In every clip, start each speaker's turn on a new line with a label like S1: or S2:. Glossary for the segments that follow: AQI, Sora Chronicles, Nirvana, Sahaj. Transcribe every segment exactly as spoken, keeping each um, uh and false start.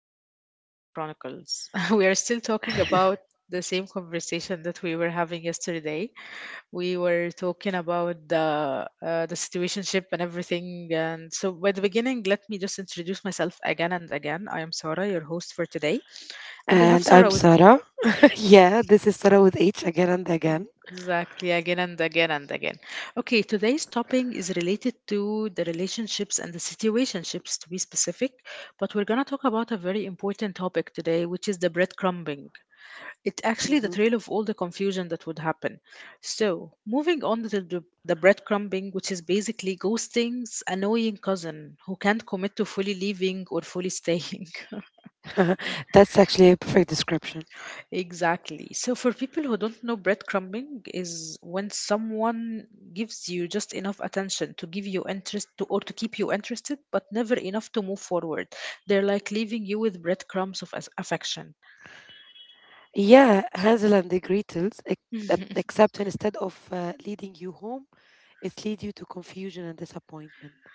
S1: Sora and Sora Chronicles. We are still talking about the same conversation that we were having yesterday. We were talking about the uh, the situationship and everything. And so, by the beginning, let me just introduce myself again and again. I am Sora, your host for today, and I have
S2: And I'm
S1: Sora with me.
S2: Sarah. Yeah, this is Sarah with H again and again.
S1: Exactly, again and again and again. Okay, today's topic is related to the relationships and the situationships to be specific, but we're going to talk about a very important topic today, which is the breadcrumbing. It's actually
S2: Mhm.
S1: the trail of all the confusion that would happen. So, moving on to the, the breadcrumbing, which is basically ghosting's annoying cousin who can't commit to fully leaving or fully staying.
S2: That's actually a perfect description.
S1: Exactly. So for people who don't know, breadcrumbing is when someone gives you just enough attention to give you interest to, or to keep you interested, but never enough to move forward. They're like leaving you with breadcrumbs of as- affection.
S2: Yeah, Hansel and the Gretels, ex- uh, except instead of uh, leading you home, it leads you to confusion and disappointment.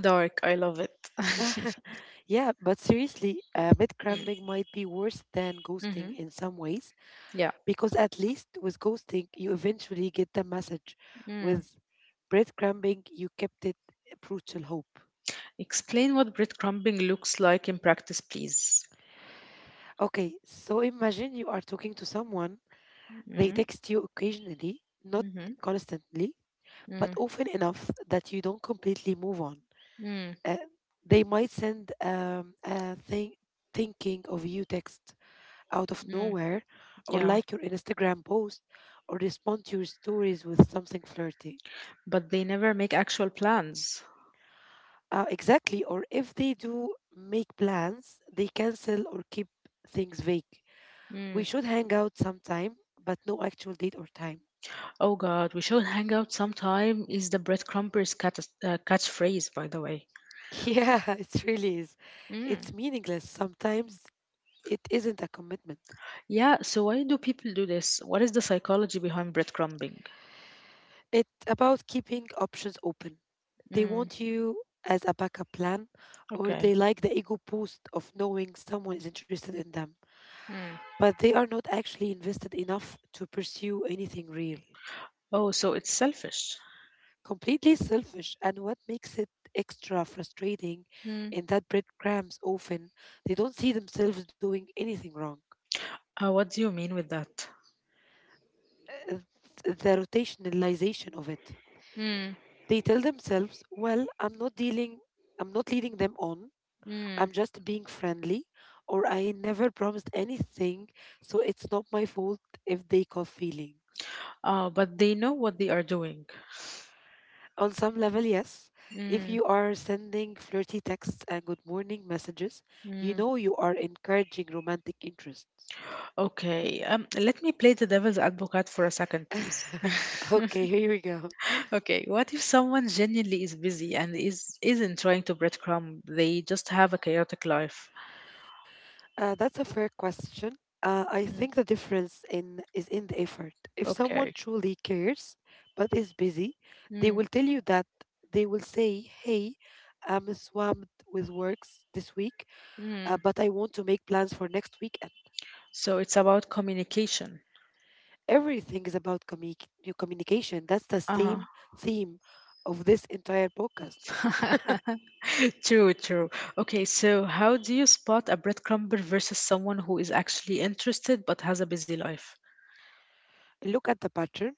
S1: Dark, I love it.
S2: Yeah, but seriously, uh, bed cramming might be worse than ghosting
S1: Mm-hmm.
S2: in some ways,
S1: Yeah.
S2: because at least with ghosting, you eventually get the message.
S1: Mm.
S2: With bread cramming, you kept it uh, brutal hope.
S1: Explain what breadcrumbing looks like in practice, please.
S2: Okay, so imagine you are talking to someone, they
S1: Mm.
S2: text you occasionally, not
S1: Hmm.
S2: constantly, but
S1: Mm.
S2: often enough that you don't completely move on.
S1: Mm.
S2: Uh, they might send um, a thing thinking of you text out of
S1: Mm.
S2: nowhere, or
S1: Yeah,
S2: like your Instagram post, or respond to your stories with something flirty.
S1: but they never make actual plans.
S2: Uh, exactly, or if they do make plans, they cancel or keep things vague. We should hang out sometime, but no actual date or time.
S1: Oh God, we should hang out sometime is the breadcrumbers cat- uh, catchphrase, by the way.
S2: Yeah, it really is.
S1: Mm.
S2: It's meaningless. Sometimes it isn't a commitment.
S1: Yeah, so why do people do this? What is the psychology behind breadcrumbing?
S2: It's about keeping options open. They
S1: Mm.
S2: want you as a backup plan, or
S1: Okay.
S2: they like the ego boost of knowing someone is interested in them,
S1: Mm.
S2: but they are not actually invested enough to pursue anything real.
S1: Oh, so it's selfish.
S2: Completely selfish, and what makes it extra frustrating
S1: Mm.
S2: in that breadcrumbs often they don't see themselves doing anything wrong.
S1: Uh, what do you mean with that?
S2: Uh, The rotationalization of it.
S1: Mm,
S2: They tell themselves, well, I'm not dealing, I'm not leading them on.
S1: mm.
S2: I'm just being friendly, or I never promised anything, so it's not my fault if they call feelings.
S1: Uh, but they know what they are doing.
S2: On some level, yes. If
S1: Mm,
S2: you are sending flirty texts and good morning messages, you
S1: mm.
S2: know you are encouraging romantic interests.
S1: Okay, um, let me play the devil's advocate for a second, please.
S2: Okay, here we go.
S1: Okay, what if someone genuinely is busy and is isn't trying to breadcrumb? They just have a chaotic life.
S2: Uh, that's a fair question. Uh, I think
S1: Mm,
S2: the difference in is in the effort. If someone
S1: okay.
S2: truly cares but is busy, they
S1: Mm,
S2: will tell you that they will say, "Hey, I'm swamped with works this week, uh,
S1: mm.
S2: but I want to make plans for next weekend."
S1: So it's about communication.
S2: Everything is about commu- your communication. That's the
S1: Uh huh.
S2: same theme of this entire podcast.
S1: True, true. Okay, so how do you spot a breadcrumber versus someone who is actually interested but has a busy life?
S2: Look at the pattern.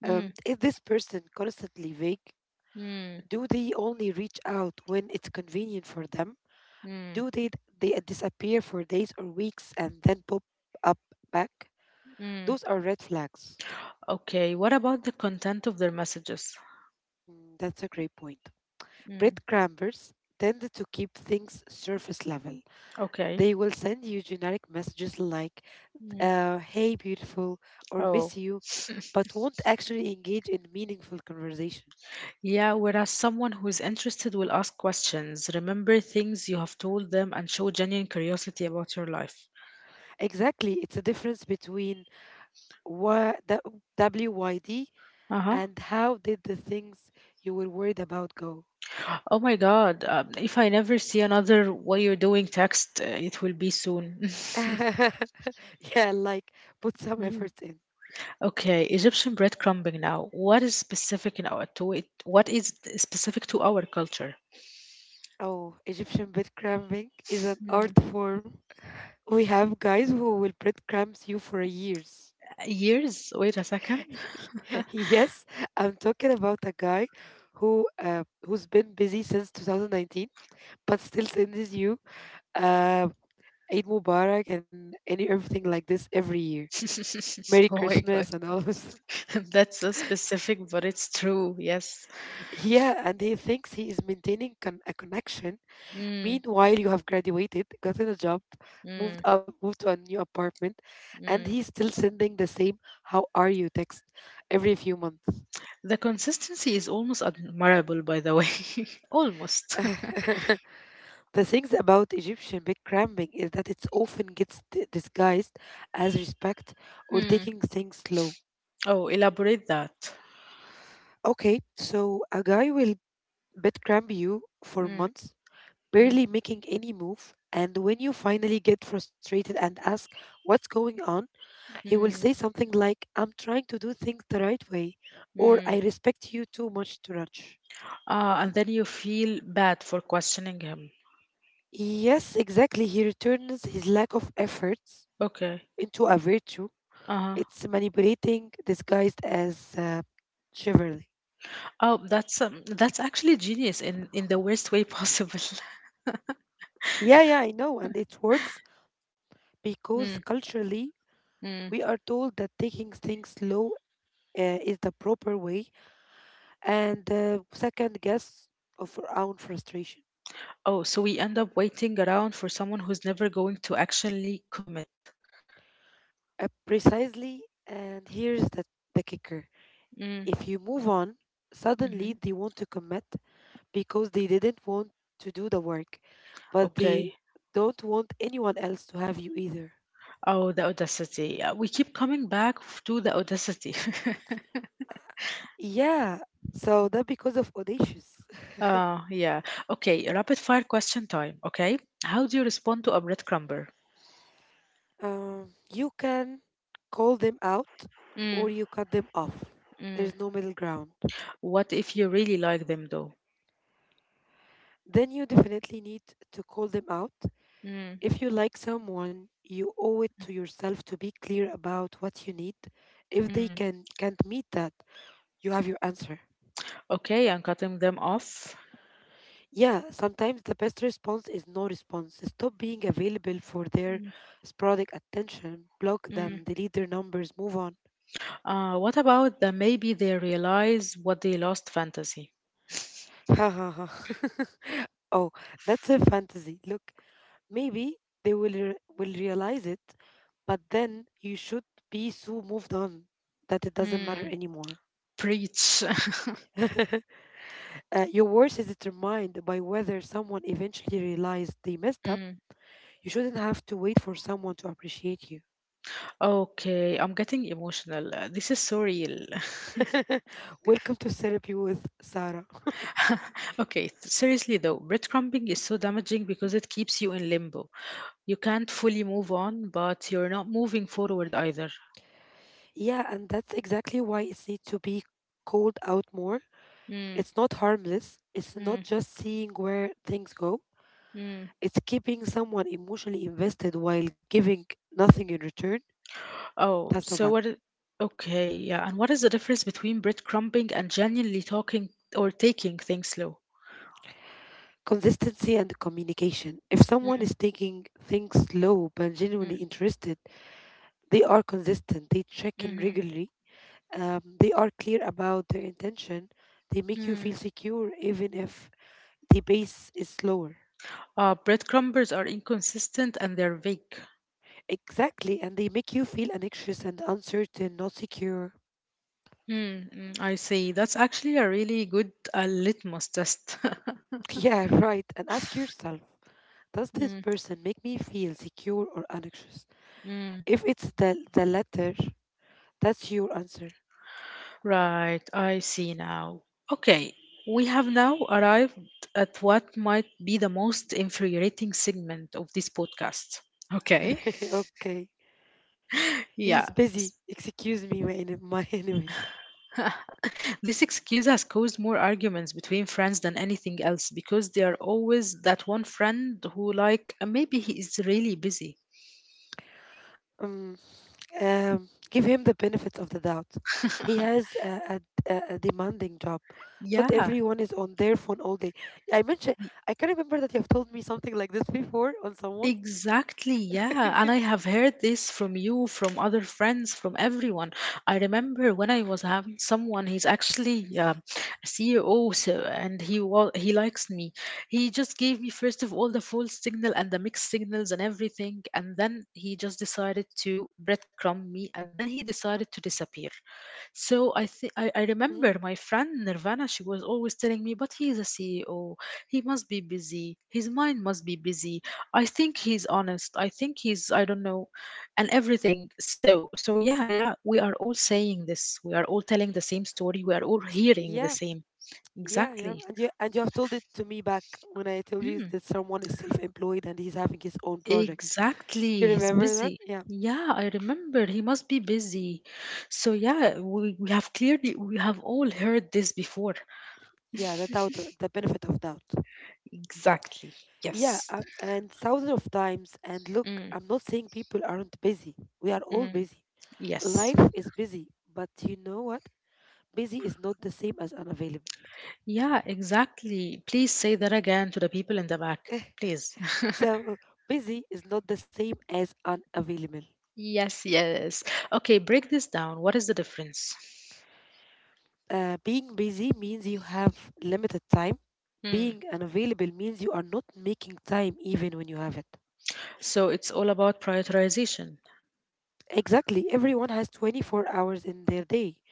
S1: Mm,
S2: Um, is this person constantly vague?
S1: mm,
S2: Do they only reach out when it's convenient for them?
S1: mm,
S2: Do they, they disappear for days or weeks and then pop up back?
S1: mm.
S2: Those are red flags.
S1: Okay, what about the content of their messages?
S2: Mm, that's a great point.
S1: Mm,
S2: Breadcrumbers tend to keep things surface level.
S1: okay.
S2: They will send you generic messages like,
S1: Mm.
S2: uh, hey, beautiful, or
S1: Oh.
S2: miss you, but won't actually engage in meaningful conversation.
S1: Yeah, whereas someone who is interested will ask questions, remember things you have told them, and show genuine curiosity about your life.
S2: Exactly. It's a difference between wha- the W Y D
S1: Uh huh.
S2: and how did the things you were worried about go.
S1: Oh my God. Um, if I never see another what you're doing text, uh, it will be soon.
S2: Yeah, like put some
S1: Mm.
S2: effort in.
S1: Okay, Egyptian breadcrumbing now. What is specific in our to it? What is specific to our culture?
S2: Oh, Egyptian bed cramming is an art
S1: Hmm.
S2: form. We have guys who will bread cramps you for years.
S1: Years? Wait a second.
S2: Yes, I'm talking about a guy who uh, who's been busy since two thousand nineteen, but still sends you uh, Eid Mubarak and any everything like this every year. Merry
S1: Oh my
S2: Christmas
S1: God.
S2: and all this.
S1: That's so specific, but it's true. Yes.
S2: Yeah, and he thinks he is maintaining con- a connection.
S1: Mm,
S2: Meanwhile, you have graduated, gotten a job,
S1: mm,
S2: moved up, moved to a new apartment, and
S1: mm.
S2: he's still sending the same "How are you?" text every few months.
S1: The consistency is almost admirable, by the way. Almost.
S2: The things about Egyptian big cramming is that it often gets d- disguised as respect or
S1: Hmm.
S2: taking things slow.
S1: Oh, elaborate that.
S2: Okay, so a guy will bed cram you for
S1: Mm,
S2: months,
S1: mm,
S2: barely making any move, and when you finally get frustrated and ask what's going on, he will
S1: mm,
S2: say something like, I'm trying to do things the right way, or
S1: mm.
S2: I respect you too much to rush.
S1: Ah, and then you feel bad for questioning him.
S2: Yes, exactly. He returns his lack of efforts
S1: Okay.
S2: into a virtue.
S1: Uh-huh.
S2: It's manipulating disguised as uh, chivalry.
S1: Oh, that's um, that's actually genius in in the worst way possible.
S2: Yeah, yeah, I know. And it works
S1: Mm,
S2: because culturally,
S1: mm.
S2: we are told that taking things slow uh, is the proper way and uh, second guess of our own frustration.
S1: Oh, so we end up waiting around for someone who's never going to actually commit.
S2: Uh, precisely. And here's the, the kicker.
S1: Mm.
S2: If you move on, suddenly
S1: Hmm.
S2: they want to commit because they didn't want to do the work, but they
S1: Okay.
S2: don't want anyone else to have you either.
S1: Oh, the audacity. Uh, We keep coming back f- to the audacity.
S2: Yeah, so that because of audacious.
S1: Uh, yeah. Okay, rapid fire question time. Okay. How do you respond to a breadcrumber?
S2: Um, you can call them out
S1: Mm,
S2: or you cut them off.
S1: mm.
S2: There's no middle ground.
S1: What if you really like them though?
S2: Then you definitely need to call them out.
S1: Mm,
S2: If you like someone, you owe it to yourself to be clear about what you need. If they
S1: mm.
S2: can can't meet that, you have your answer.
S1: Okay, and cutting them off.
S2: Yeah, sometimes the best response is no response. Stop being available for their
S1: Mm,
S2: sporadic attention. Block
S1: mm.
S2: them, delete their numbers, move on.
S1: Uh, what about the maybe they realize what they lost fantasy?
S2: Ha ha ha. Oh, that's a fantasy. Look, maybe they will re- will realize it, but then you should be so moved on that it doesn't matter
S1: Mm.
S2: anymore.
S1: Preach.
S2: Uh, your worth is determined by whether someone eventually realized they messed up.
S1: Mm.
S2: You shouldn't have to wait for someone to appreciate you.
S1: Okay, I'm getting emotional. Uh, This is so real.
S2: Welcome to therapy with Sarah.
S1: Okay, th- seriously though, breadcrumbing is so damaging because it keeps you in limbo. You can't fully move on, but you're not moving forward either.
S2: Yeah, and that's exactly why it needs to be called out more.
S1: Mm,
S2: It's not harmless. It's not
S1: mm,
S2: just seeing where things go.
S1: mm.
S2: It's keeping someone emotionally invested while giving nothing in return.
S1: Oh,
S2: That's not
S1: so
S2: bad.
S1: what? i- Okay, yeah. And what is the difference between breadcrumbing and genuinely talking or taking things slow?
S2: Consistency and communication. If someone
S1: Mm,
S2: is taking things slow but genuinely
S1: mm,
S2: interested, they are consistent. They check in
S1: mhm,
S2: regularly. Um, they are clear about their intention. They make you
S1: mm.
S2: feel secure even if the pace is slower.
S1: Uh, breadcrumbers are inconsistent and they're vague.
S2: Exactly, and they make you feel anxious and uncertain, not secure.
S1: Mm, mm, I see. That's actually a really good uh, litmus test.
S2: Yeah, right. And ask yourself, does this
S1: Mm,
S2: person make me feel secure or anxious?
S1: mm.
S2: If it's the the latter, that's your answer.
S1: Right, I see now. Okay, we have now arrived at what might be the most infuriating segment of this podcast. Okay,
S2: Okay. He's
S1: yeah.
S2: busy.
S1: s-
S2: Excuse me, my, en- my enemies.
S1: This excuse has caused more arguments between friends than anything else because they are always that one friend who, like, "Uh, maybe he is really busy.
S2: Um, Um, give him the benefit of the doubt. He has a, a, a a demanding job. Not
S1: Yeah.
S2: everyone is on their phone all day. I mentioned, I can remember that you have told me something like this before on someone.
S1: Exactly, yeah. And I have heard this from you, from other friends, from everyone. I remember when I was having someone, he's actually um a C E O, so, and he wa- he likes me. He just gave me first of all the false signal and the mixed signals and everything, and then he just decided to breadcrumb me, and then he decided to disappear. So I think I I
S2: Hmm.
S1: remember my friend Nirvana, she was always telling me, but he's a C E O. He must be busy. His mind must be busy. I think he's honest. I think he's I don't know and everything. So so yeah, yeah, we are all saying this. We are all telling the same story. We are all hearing the
S2: Yeah,
S1: same.
S2: yeah, yeah.
S1: Exactly.
S2: And you and you have told it to me back when I told you
S1: Mm,
S2: that someone is self-employed and he's having his own project. You
S1: exactly. He's
S2: remember that?
S1: busy.
S2: Yeah,
S1: Yeah, I remember. He must be busy. So yeah, we, we have clearly we have all heard this before.
S2: yeah. The doubt, the benefit of doubt.
S1: Exactly.
S2: Yeah,
S1: Yes.
S2: um, and thousands of times. And look,
S1: Mm,
S2: I'm not saying people aren't busy. We are all
S1: mm,
S2: busy.
S1: yes.
S2: Life is busy, but you know what? Busy is not the same as unavailable.
S1: Yeah, exactly. Please say that again to the people in the back, please.
S2: So, uh, busy is not the same as unavailable.
S1: Yes, yes. Okay, break this down. What is the difference?
S2: Uh, being busy means you have limited time.
S1: Mm.
S2: Being unavailable means you are not making time even when you have it.
S1: So it's all about prioritization.
S2: Exactly. Everyone has twenty-four hours in their day.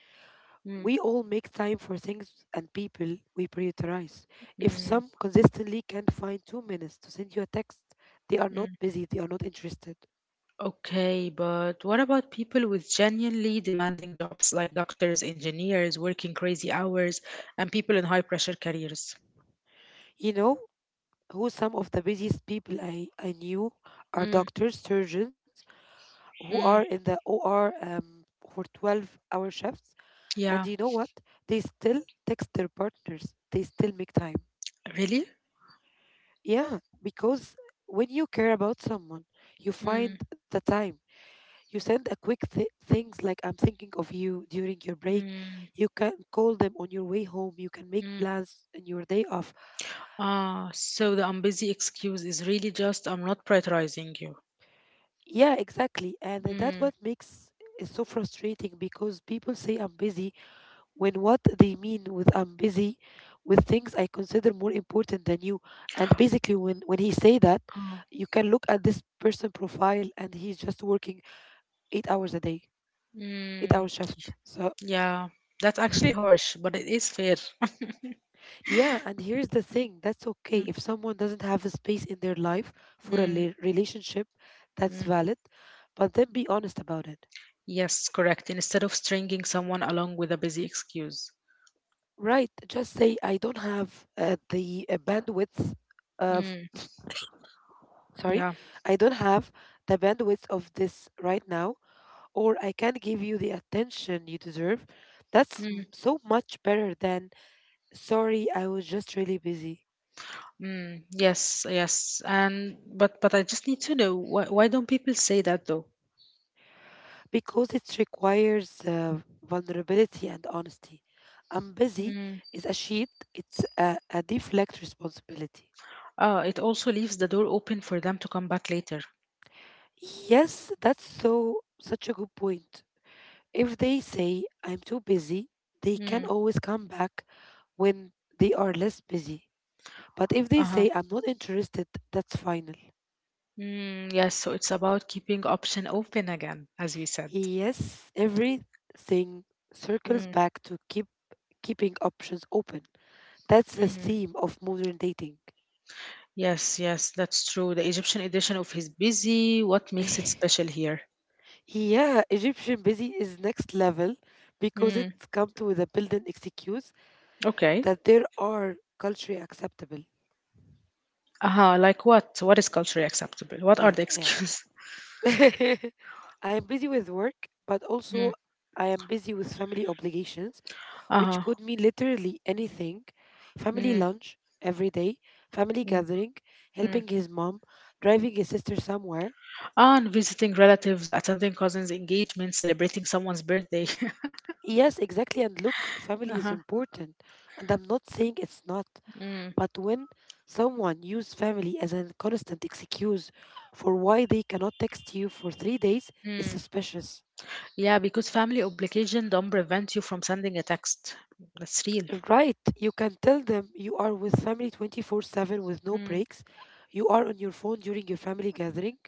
S1: Mm,
S2: We all make time for things and people we prioritize. If
S1: mm,
S2: some consistently can't find two minutes to send you a text, they are not
S1: mm.
S2: busy, they are not interested.
S1: Okay, but what about people with genuinely demanding jobs like doctors, engineers, working crazy hours, and people in high pressure careers?
S2: You know who some of the busiest people I, I knew are
S1: Mm,
S2: doctors, surgeons who are
S1: mm.
S2: in the O R um, for twelve hour shifts.
S1: Yeah,
S2: And you know what? They still text their partners, they still make time.
S1: really?
S2: Yeah, because when you care about someone, you find
S1: Mm,
S2: the time. You send a quick th- things like I'm thinking of you during your break.
S1: mm.
S2: You can call them on your way home. You can make
S1: Mm.
S2: plans in your day off.
S1: Ah, so the I'm busy excuse is really just I'm not prioritizing you.
S2: Yeah, exactly. And that's what
S1: Mm.
S2: makes it so frustrating because people say I'm busy when what they mean with I'm busy with things I consider more important than you. And basically when, when he say that,
S1: Oh.
S2: you can look at this person profile and he's just working eight hours a day, eight hour
S1: Mm.
S2: shift. So
S1: Yeah, that's actually harsh, but it is fair.
S2: yeah, and here's the thing that's okay
S1: Mm,
S2: if someone doesn't have a space in their life for a
S1: mm,
S2: le- relationship, that's
S1: mm.
S2: valid, but then be honest about it.
S1: Yes, correct. Instead of stringing someone along with a busy excuse.
S2: Right, just say, I don't have uh, the uh, bandwidth of,
S1: Mm,
S2: sorry,
S1: yeah.
S2: I don't have the bandwidth of this right now, or I can't give you the attention you deserve. That's m-
S1: Mm,
S2: so much better than, sorry, I was just really busy.
S1: mm, yes, yes. And but but I just need to know why why don't people say that though?
S2: Because it requires uh, vulnerability and honesty. I'm busy
S1: Mm.
S2: is a sheet, it's a, a deflect responsibility.
S1: Ah, it also leaves the door open for them to come back later.
S2: Yes, that's so such a good point. If they say I'm too busy, they can
S1: Mm.
S2: always come back when they are less busy. But if they
S1: Uh-huh.
S2: say I'm not interested, that's final.
S1: Mm, yes, so it's about keeping option open again, as we said.
S2: Yes, everything circles
S1: Mm,
S2: back to keep keeping options open. That's the
S1: mhm.
S2: theme of modern dating.
S1: Yes, yes, that's true. The Egyptian edition of his busy, what makes it special here?
S2: Yeah, Egyptian busy is next level because
S1: Mm,
S2: it comes with a built-in excuse
S1: okay.
S2: that there are culturally acceptable.
S1: Uh-huh, like what? What is culturally acceptable? What are
S2: Yeah,
S1: the
S2: yeah.
S1: excuses?
S2: I am busy with work, but
S1: Mm,
S2: also I am busy with family obligations, which
S1: uh-huh.
S2: could mean literally anything. Family
S1: Mm,
S2: lunch every day, family
S1: mm,
S2: gathering,
S1: mm.
S2: helping his mom, driving his sister somewhere.
S1: Ah, and visiting relatives, attending cousins' engagement, celebrating someone's birthday.
S2: Yes, exactly. And look, family is
S1: Uh-huh.
S2: important. And I'm not saying it's not.
S1: Mm,
S2: But when someone uses family as a constant excuse for why they cannot text you for three days, it's
S1: mm.
S2: suspicious.
S1: Yeah, because family obligation don't prevent you from sending a text. That's real.
S2: Right, you can tell them you are with family twenty-four seven with no breaks. You are on your phone during your family gathering.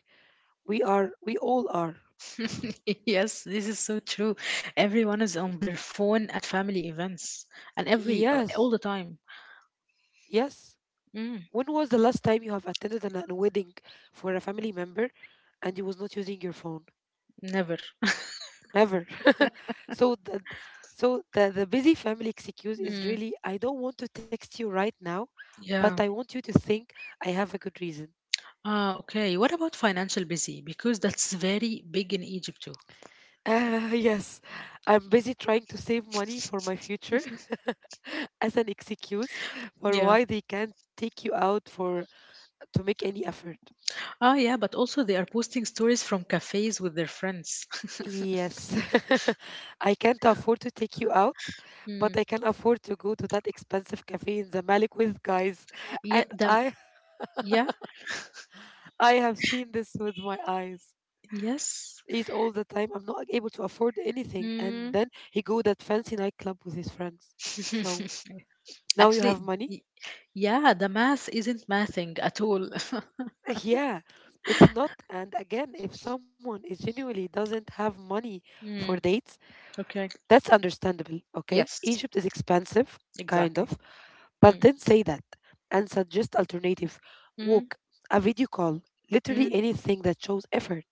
S2: We are, we all are.
S1: Yes, this is so true. Everyone is on their phone at family events and every all
S2: Yes,
S1: the time.
S2: yes.
S1: Mm,
S2: When was the last time you have attended an, a wedding for a family member and you was not using your phone?
S1: never.
S2: Never. so the so the, the busy family excuse is
S1: Mm,
S2: really, I don't want to text you right now, but I
S1: yeah.
S2: want you to think I have a good reason.
S1: Ah, okay. What about financial busy? Because that's very big in Egypt too.
S2: Uh, yes, I'm busy trying to save money for my future as an excuse for
S1: Yeah.
S2: why they can't take you out for to make any effort.
S1: Ah, yeah, but also they are posting stories from cafes with their friends.
S2: Yes, I can't afford to take you out,
S1: Mm,
S2: but I can afford to go to that expensive cafe in the malik with guys.
S1: yeah,
S2: And
S1: the,
S2: I
S1: yeah,
S2: I have seen this with my eyes.
S1: yes.
S2: Eat all the time. I'm not able to afford anything. And
S1: Mm.
S2: then he go that fancy nightclub with his friends. So now you
S1: Actually,
S2: have money?
S1: y- yeah, the math isn't mathing at all.
S2: Yeah, it's not. And again, if someone is genuinely doesn't have money for
S1: Mm,
S2: dates,
S1: okay.
S2: that's understandable. Okay,
S1: Yes,
S2: Egypt is expensive, kind of,
S1: exactly.
S2: but
S1: Mm,
S2: then say that and suggest alternative,
S1: mm,
S2: walk, a video call, literally
S1: mm.
S2: anything that shows effort.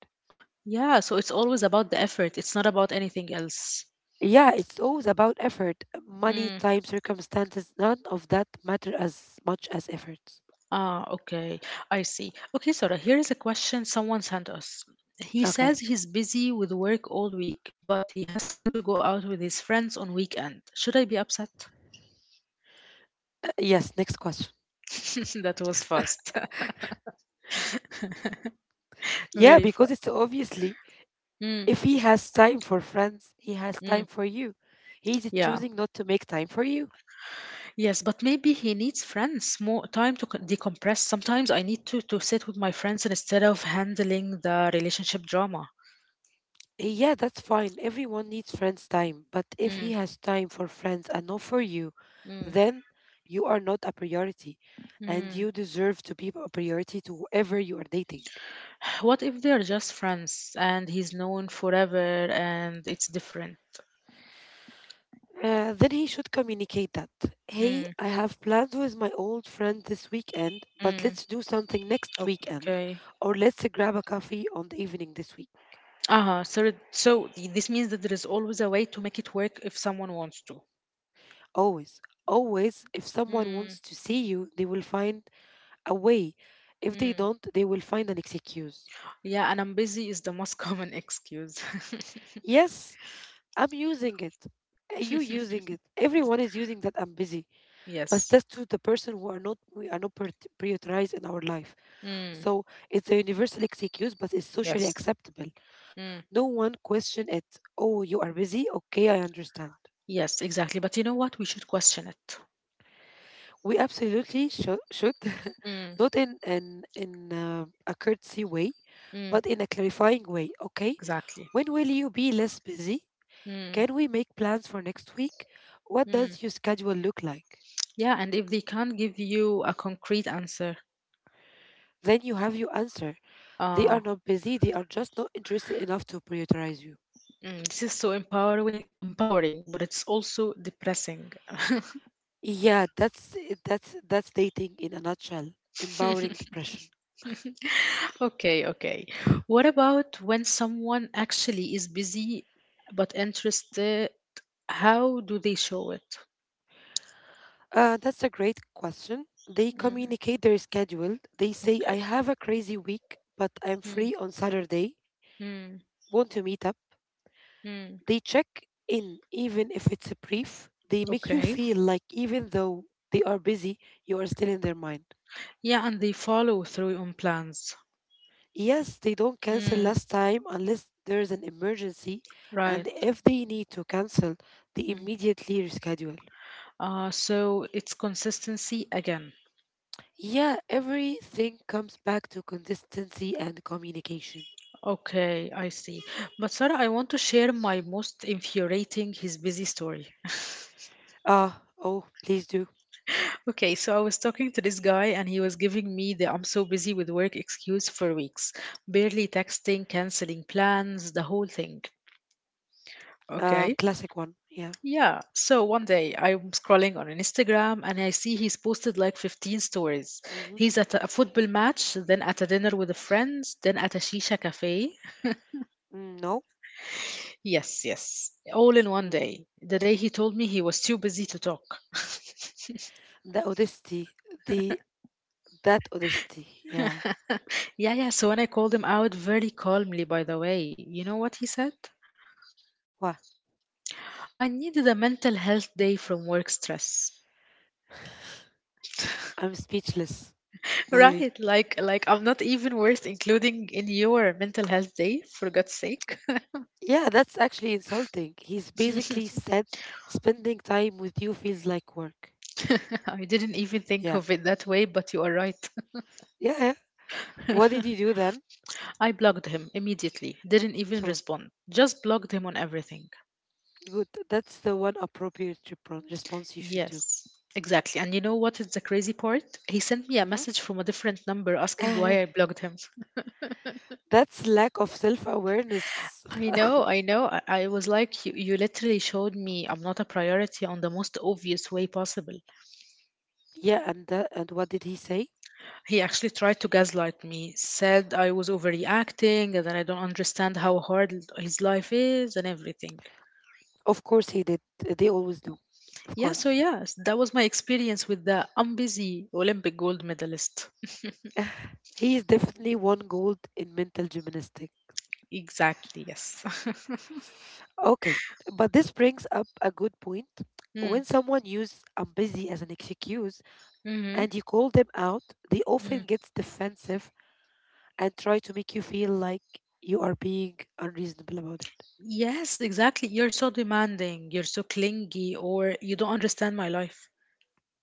S1: Yeah, so it's always about the effort. It's not about anything else.
S2: Yeah, it's always about effort. Money,
S1: Mm.
S2: time, circumstances, none of that matter as much as effort.
S1: Ah, okay. I see. Okay, Sarah. Here is a question someone sent us. He
S2: Okay.
S1: says he's busy with work all week, but he has time to go out with his friends on weekend. Should I be upset?
S2: Uh, yes, next question.
S1: That was fast.
S2: Yeah,
S1: Very
S2: because
S1: fast.
S2: it's obviously,
S1: Mm,
S2: if he has time for friends, he has
S1: mm.
S2: time for you. He's
S1: Yeah.
S2: choosing not to make time for you.
S1: Yes, but maybe he needs friends, more time to co- decompress. Sometimes I need to to sit with my friends instead of handling the relationship drama.
S2: Eh, Yeah, that's fine. Everyone needs friends' time. But if he has time for friends and not for you,
S1: Mm,
S2: then you are not a priority, and
S1: mm.
S2: you deserve to be a priority to whoever you are dating.
S1: What if they're just friends and he's known forever and it's different?
S2: Uh, then he should communicate that. Hey,
S1: Mm,
S2: I have plans with my old friend this weekend, but
S1: mm.
S2: let's do something next weekend,
S1: Okay.
S2: or let's grab a coffee on the evening this week.
S1: Uh-huh. So, it- so th- this means that there is always a way to make it work if someone wants to.
S2: Always, always, if someone
S1: Mm,
S2: wants to see you, they will find a way. If they
S1: mm.
S2: don't, they will find an excuse.
S1: Yeah, and I'm busy is the most common excuse.
S2: Yes, I'm using it. Uh, You using it. Everyone is using that I'm busy. But
S1: Yes.
S2: that's to the person who are not we are not prior- prioritized in our life.
S1: Mm,
S2: So it's a universal excuse, but it's socially
S1: yes.
S2: acceptable.
S1: Mm,
S2: No one question it. Oh, you are busy. Okay, I understand.
S1: yes, exactly. But you know what? We should question it.
S2: We absolutely should, should,
S1: Mm,
S2: not in an in uh, a courtesy way,
S1: mm,
S2: but in a clarifying way. Okay,
S1: exactly.
S2: when will you be less busy?
S1: Mm,
S2: Can we make plans for next week? What
S1: mm.
S2: does your schedule look like?
S1: Yeah, and if they can't give you a concrete answer,
S2: Then you have your answer. They
S1: Uh,
S2: are not busy. They are just not interested enough to prioritize you.
S1: mm, this is so empowering, empowering, but it's also depressing.
S2: Yeah, that's eh, that's that's dating in a nutshell. Empowering depression.
S1: Okay, okay. What about when someone actually is busy but interested? How do they show it?
S2: Uh, that's a great question. They
S1: Mm,
S2: communicate their schedule. They say, "I
S1: okay.
S2: have a crazy week, but I'm
S1: Mm,
S2: free on Saturday.
S1: mm,
S2: Want to meet up?"
S1: mm.
S2: They check in, even if it's a brief. They make you
S1: Okay.
S2: feel like even though they are busy, you are still in their mind.
S1: Yeah, and they follow through on plans.
S2: Yes, they don't cancel
S1: Mm,
S2: last time unless there's an emergency,
S1: right.
S2: and if they need to cancel, they
S1: Mm.
S2: immediately reschedule.
S1: Uh, so it's consistency again.
S2: Yeah, everything comes back to consistency and communication.
S1: Okay, I see. But Sarah, I want to share my most infuriating his busy story.
S2: Uh, oh, please do.
S1: Okay, so I was talking to this guy, and he was giving me the I'm so busy with work excuse for weeks, barely texting, canceling plans, the whole thing.
S2: Uh,
S1: Okay.
S2: classic one. Yeah.
S1: Yeah, so one day I'm scrolling on Instagram and I see he's posted like fifteen stories.
S2: Mm-hmm.
S1: He's at a football match, then at a dinner with a friends, then at a shisha cafe.
S2: Mm, no.
S1: Yes, yes. All in one
S2: Mm.
S1: day. The day he told me he was too busy to talk.
S2: The audacity. The that audacity. Yeah.
S1: Yeah, yeah. So when I called him out very calmly, by the way, you know what he said?
S2: Wow.
S1: I needed a mental health day from work stress.
S2: I'm speechless. Really.
S1: Right, like like I'm not even worth including in your mental health day, for God's sake.
S2: Yeah, that's actually insulting. He's basically said spending time with you feels like work.
S1: I didn't even think
S2: Yeah.
S1: of it that way, but you are right.
S2: Yeah. Yeah. What did you do then?
S1: I blocked him immediately, didn't even
S2: Sure.
S1: respond, just blocked him on everything.
S2: Good. That's the one appropriate repro- response you should do.
S1: Yes, exactly. And you know what is the crazy part? He sent me a message from a different number asking
S2: Mm-hmm.
S1: why I blocked him.
S2: That's lack of self awareness.
S1: I know, I know. I, I was like, you, you literally showed me I'm not a priority on the most obvious way possible.
S2: Yeah, and that, and what did he say?
S1: He actually tried to gaslight me, said I was overreacting and that I don't understand how hard l- his life is and everything.
S2: Of course he did. They always do. Of
S1: Yeah, so
S2: course.
S1: yes, that was my experience with the I'm busy Olympic gold medalist.
S2: He is definitely one gold in mental gymnastics.
S1: Exactly, yes.
S2: Okay, but this brings up a good point.
S1: mm,
S2: When someone uses I'm busy as an excuse
S1: mm-hmm,
S2: and you call them out, they often get defensive and try to make you feel like you are being unreasonable about it.
S1: Yes, exactly. You're so demanding, you're so clingy, or you don't understand my life.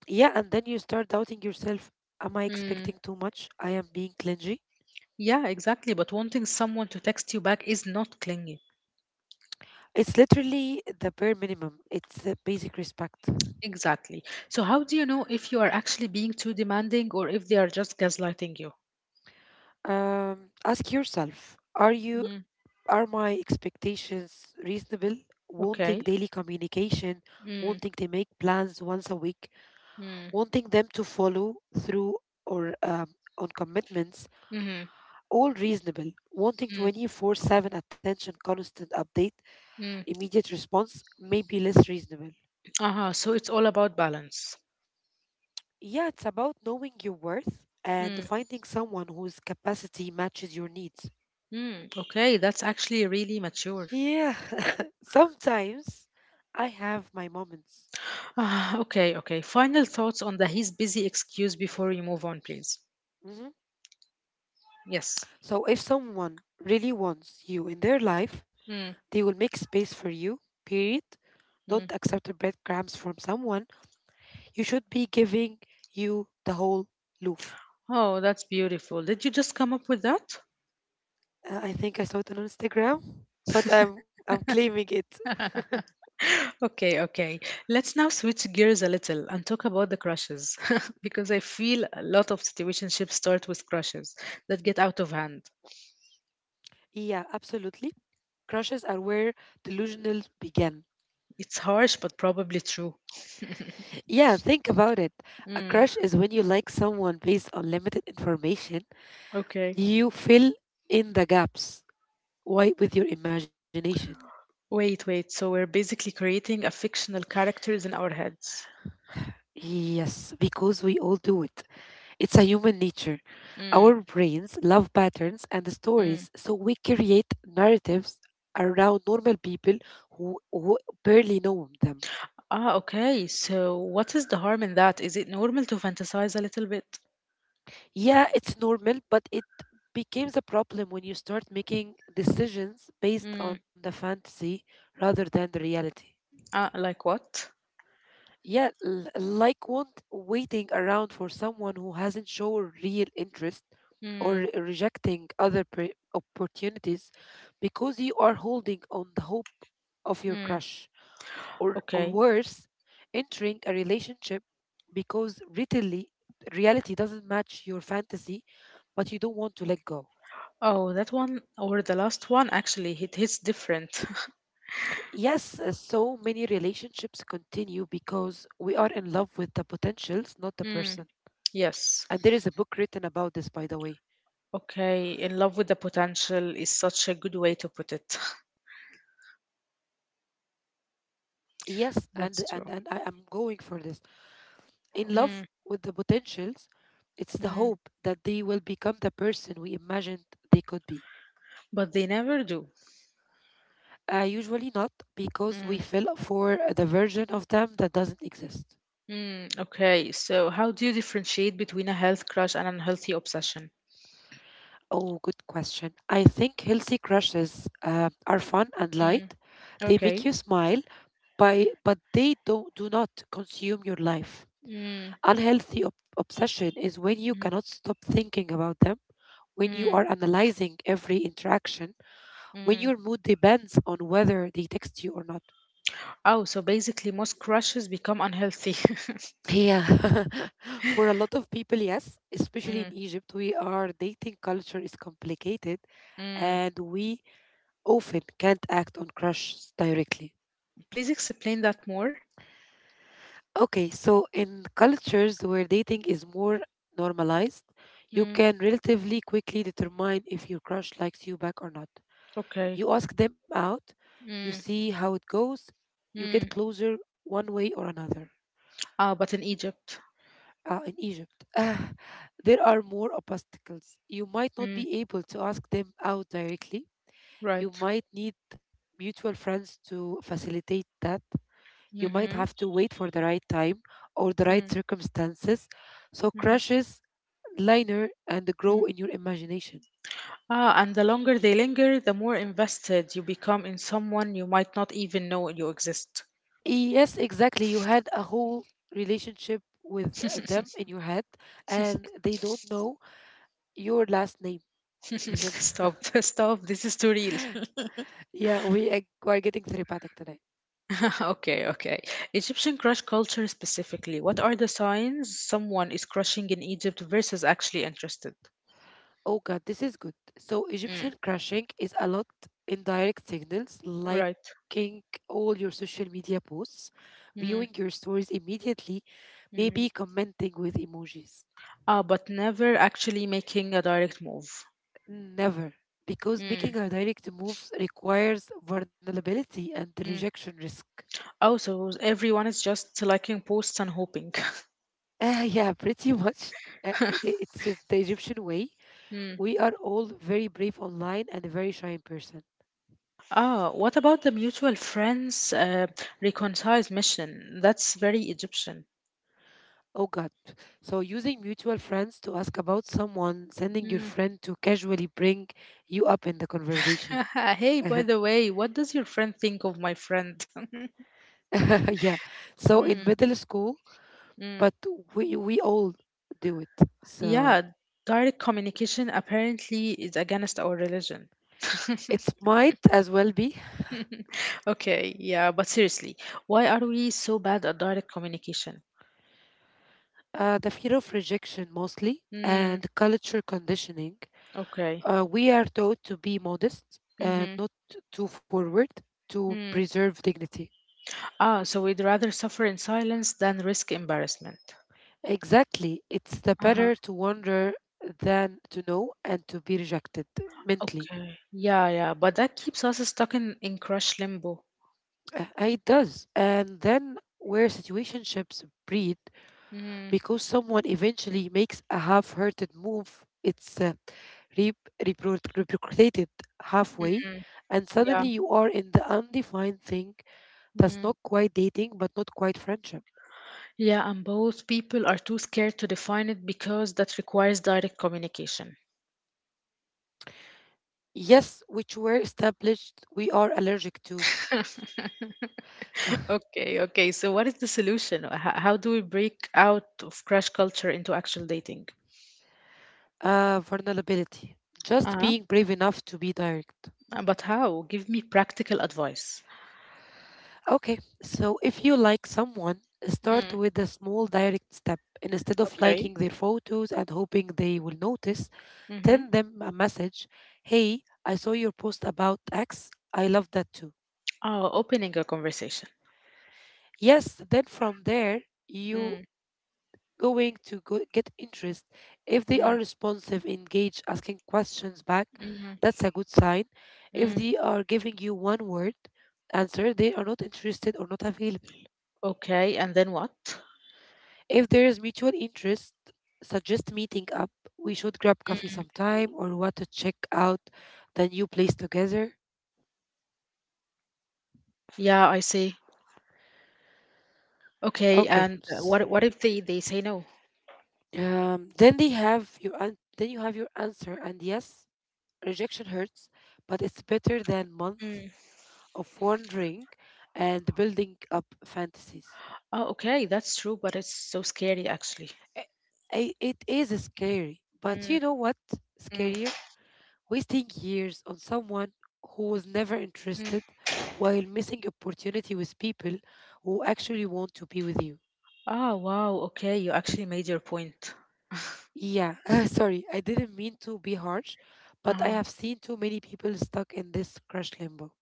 S2: Yeah, and then you start doubting yourself. Am I
S1: Mm.
S2: expecting too much? I am being clingy.
S1: Yeah, exactly. But wanting someone to text you back is not clingy.
S2: It's literally the bare minimum. It's a basic respect.
S1: Exactly. So, how do you know if you are actually being too demanding or if they are just gaslighting you?
S2: Um, Ask yourself: Are you,
S1: Mm.
S2: are my expectations reasonable? Wanting
S1: Okay.
S2: daily communication,
S1: Mm.
S2: wanting to make plans once a week,
S1: Mm.
S2: wanting them to follow through or um, on commitments,
S1: Mm.
S2: all reasonable. Wanting
S1: Mm.
S2: twenty four seven attention, constant update,
S1: Mm.
S2: immediate response, maybe less reasonable.
S1: Uh-huh. So, it's all about balance.
S2: Yeah, it's about knowing your worth and
S1: Mm.
S2: finding someone whose capacity matches your needs.
S1: Mm. Okay, that's actually really mature.
S2: Yeah, sometimes I have my moments.
S1: Ah, okay, okay. Final thoughts on the he's busy excuse before we move on, please.
S2: Mhm.
S1: Yes.
S2: So if someone really wants you in their life,
S1: Mm,
S2: they will make space for you, period. Don't
S1: mm.
S2: accept the breadcrumbs from someone. You should be giving you the whole loaf.
S1: Oh, that's beautiful. Did you just come up with that?
S2: Uh, I think I saw it on Instagram, but I'm I'm claiming it.
S1: Okay, okay. Let's now switch gears a little and talk about the crushes because I feel a lot of situationships start with crushes that get out of hand.
S2: Yeah, absolutely. Crushes are where delusional began.
S1: It's harsh, but probably true.
S2: Yeah, think about it. A
S1: Mm,
S2: crush is when you like someone based on limited information.
S1: okay.
S2: You fill in the gaps. Why? With your imagination.
S1: Wait, wait. So we're basically creating a fictional characters in our heads.
S2: Yes, because we all do it. It's a human nature.
S1: Mm,
S2: Our brains love patterns and
S1: mm.
S2: stories, so we create narratives around normal people who, who barely know them.
S1: Ah, okay. So what is the harm in that? Is it normal to fantasize a little bit?
S2: Yeah, it's normal, but it becomes a problem when you start making decisions based
S1: Mm,
S2: on the fantasy rather than the reality.
S1: ah, like what?
S2: Yeah, l- like want waiting around for someone who hasn't shown real interest or re- rejecting other pre- opportunities because you are holding on the hope of your
S1: Mm.
S2: crush. Or, or
S1: Okay.
S2: worse, entering a relationship because really, reality doesn't match your fantasy, but you don't want to let go.
S1: Oh, that one or the last one actually it hits different.
S2: Yes, uh, so many relationships continue because we are in love with the potentials, not the
S1: Mm.
S2: person.
S1: Yes.
S2: And there is a book written about this, by the way.
S1: Okay, in love with the potential is such a good way to put it.
S2: Yes, and
S1: That's
S2: and,
S1: true.
S2: and I am going for this, in
S1: Mm,
S2: love with the potentials. It's the
S1: mm.
S2: hope that they will become the person we imagined they could be.
S1: But they never do.
S2: Uh, usually not, because
S1: Mm,
S2: we fell for the version of them that doesn't exist.
S1: mm. Okay, so how do you differentiate between a health crush and an unhealthy obsession?
S2: Oh, good question. I think healthy crushes uh, are fun and
S1: Mm,
S2: light. They make
S1: okay.
S2: you smile, by
S1: Mm,
S2: but they don't do not consume your life.
S1: mm,
S2: Unhealthy ob- obsession is when you
S1: mm,
S2: cannot stop thinking about them, when you
S1: mm,
S2: are analyzing every interaction, when
S1: mm.
S2: your mood depends on whether they text you or not.
S1: Oh, so basically most crushes become unhealthy.
S2: Yeah. For a lot of people, yes, especially in
S1: mm,
S2: Egypt, we our dating culture is complicated,
S1: mm.
S2: and we often can't act on crushes directly.
S1: Please explain that more.
S2: Okay, so in cultures where dating is more normalized, you can relatively quickly determine if your crush likes you back or not.
S1: Okay.
S2: You ask them out, you
S1: Mm,
S2: see how it goes, you get
S1: mm,
S2: closer one way or another.
S1: Ah, but in Egypt.
S2: Uh, in Egypt, ah, there are more obstacles. You might not
S1: Mm.
S2: be able to ask them out directly. You
S1: Right.
S2: might need mutual friends to facilitate that. You might
S1: Mm-hmm.
S2: have to wait for the right time or the right
S1: Mm,
S2: circumstances. So
S1: mm,
S2: crushes liner and grow
S1: mm.
S2: in your imagination.
S1: Ah, and the longer they linger, the more invested you become in someone you might not even know you exist.
S2: Yes, exactly. You had a whole relationship with uh, them in your head, and they don't know your last name even.
S1: Stop, stop. This is too real.
S2: yeah, we are we're getting therapeutic today.
S1: okay, okay. Egyptian crush culture specifically. What are the signs someone is crushing in Egypt versus actually interested?
S2: Oh God, this is good. So
S1: Mm,
S2: Egyptian crushing is a lot in direct signals,
S1: Right.
S2: liking all your social media posts,
S1: mm,
S2: viewing your stories immediately,
S1: mhm,
S2: maybe commenting with emojis.
S1: Ah, but never actually making a direct move.
S2: Never. Because
S1: Mm,
S2: making a direct move requires vulnerability and
S1: mm.
S2: rejection risk.
S1: Oh, so everyone is just liking posts and hoping.
S2: Uh, yeah, pretty much. Uh, i- i- it's uh, the Egyptian way.
S1: Hmm.
S2: We are all very brave online and very shy in person.
S1: Ah, what about the mutual friends uh, reconciles mission? That's very Egyptian.
S2: Oh God. So, using mutual friends to ask about someone, sending your
S1: Hmm.
S2: friend to casually bring you up in the conversation.
S1: Hey, by
S2: Uh-huh.
S1: the way, what does your friend think of my friend?
S2: yeah. So, in
S1: Hmm,
S2: middle school,
S1: hmm.
S2: but we, we all do it.
S1: Yeah,
S2: So,
S1: direct communication apparently is against our religion.
S2: it might as well be
S1: Okay, yeah, but seriously, why are we so bad at direct communication?
S2: uh, the fear of rejection, mostly,
S1: Hmm,
S2: and culture conditioning.
S1: okay.
S2: Uh, we are taught to be modest, uh,
S1: Mm-hmm.
S2: not too forward, to preserve dignity.
S1: Ah, so we'd rather suffer in silence than risk embarrassment.
S2: Exactly. It's the
S1: Uh-huh.
S2: better to wonder than to know and to be rejected mentally.
S1: Okay. Yeah, yeah. But that keeps us stuck in, in crush limbo.
S2: Uh, uh, It does. And then where situationships breed,
S1: Mm,
S2: because someone eventually makes a half-hearted move, it's uh, re- repro- repercutated halfway,
S1: mm,
S2: and
S1: yeah.
S2: suddenly you are in the undefined thing that's
S1: Mm.
S2: not quite dating but not quite friendship.
S1: Yeah, and both people are too scared to define it because that requires direct communication.
S2: Yes, which were established we are allergic to. Uh,
S1: Okay, okay. So what is the solution? How, how do we break out of crush culture into actual dating?
S2: uh, Vulnerability. Just
S1: Uh-huh.
S2: being brave enough to be direct.
S1: Uh, But how? Give me practical advice.
S2: Okay, so if you like someone, start
S1: Mm,
S2: with a small direct step. And instead of
S1: okay.
S2: liking their photos and hoping they will notice, send them a message: Hey, I saw your post about X. I love that too.
S1: Oh, opening a conversation.
S2: Yes, then from there,
S1: Mm,
S2: you going to go- get interest. If they
S1: mm,
S2: are responsive, engaged, asking questions back,
S1: mm,
S2: that's a good sign. If
S1: mm.
S2: they are giving you one word answer, they are not interested or not available.
S1: Okay, and then what?
S2: If there is mutual interest, suggest meeting up. We should grab coffee
S1: Mm.
S2: sometime or what to check out the new place together.
S1: Yeah, I see. Okay,
S2: Okay.
S1: and uh,
S2: S-
S1: what what if they they say no?
S2: Um, then they have your an- then you have your answer, and yes, rejection hurts, but it's better than month
S1: Mm.
S2: of wandering and building up fantasies.
S1: Oh, okay, that's true, but it's so scary actually.
S2: I- I- It is scary, but
S1: Mm,
S2: you know what?
S1: mm,
S2: Scarier? Wasting years on someone who was never interested
S1: mm.
S2: while missing opportunity with people who actually want to be with you.
S1: Oh, wow. Okay, you actually made your point.
S2: Yeah, sorry, I didn't mean to be harsh, but I
S1: Uh-huh.
S2: have seen too many people stuck in this crush limbo.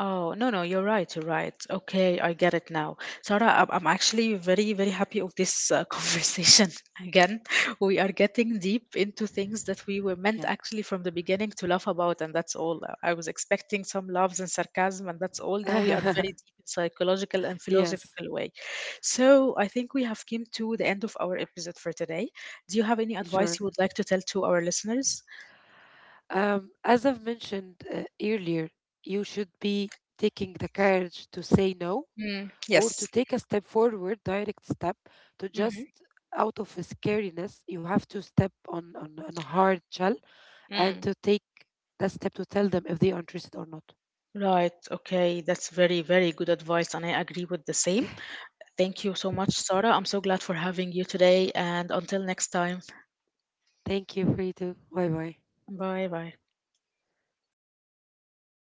S1: Oh, no, no, you're right, you're right. Okay, I get it now. Sarah, I'm I'm actually very, very happy of this uh, conversation. Again, we are getting deep into things that we were meant
S2: Yeah.
S1: actually from the beginning to laugh about, and that's all. Uh, I was expecting some laughs and sarcasm, and that's all. Now we are very deep in psychological and
S2: yes,
S1: philosophical way. So I think we have came to the end of our episode for today. Do you have any advice
S2: sure.
S1: you would like to tell to our listeners?
S2: Um, as I've mentioned uh, earlier, you should be taking the courage to say no
S1: Mm,
S2: or to
S1: yes.
S2: take a step forward, direct step, to
S1: hmm
S2: just out of scariness, you have to step on, on, on a hard shell, and to take that step to tell them if they are interested or not.
S1: Right. Okay. That's very, very good advice, and I agree with the same. Thank you so much, Sarah. I'm so glad for having you today, and until next time.
S2: Thank you, Frito. Bye bye.
S1: Bye bye.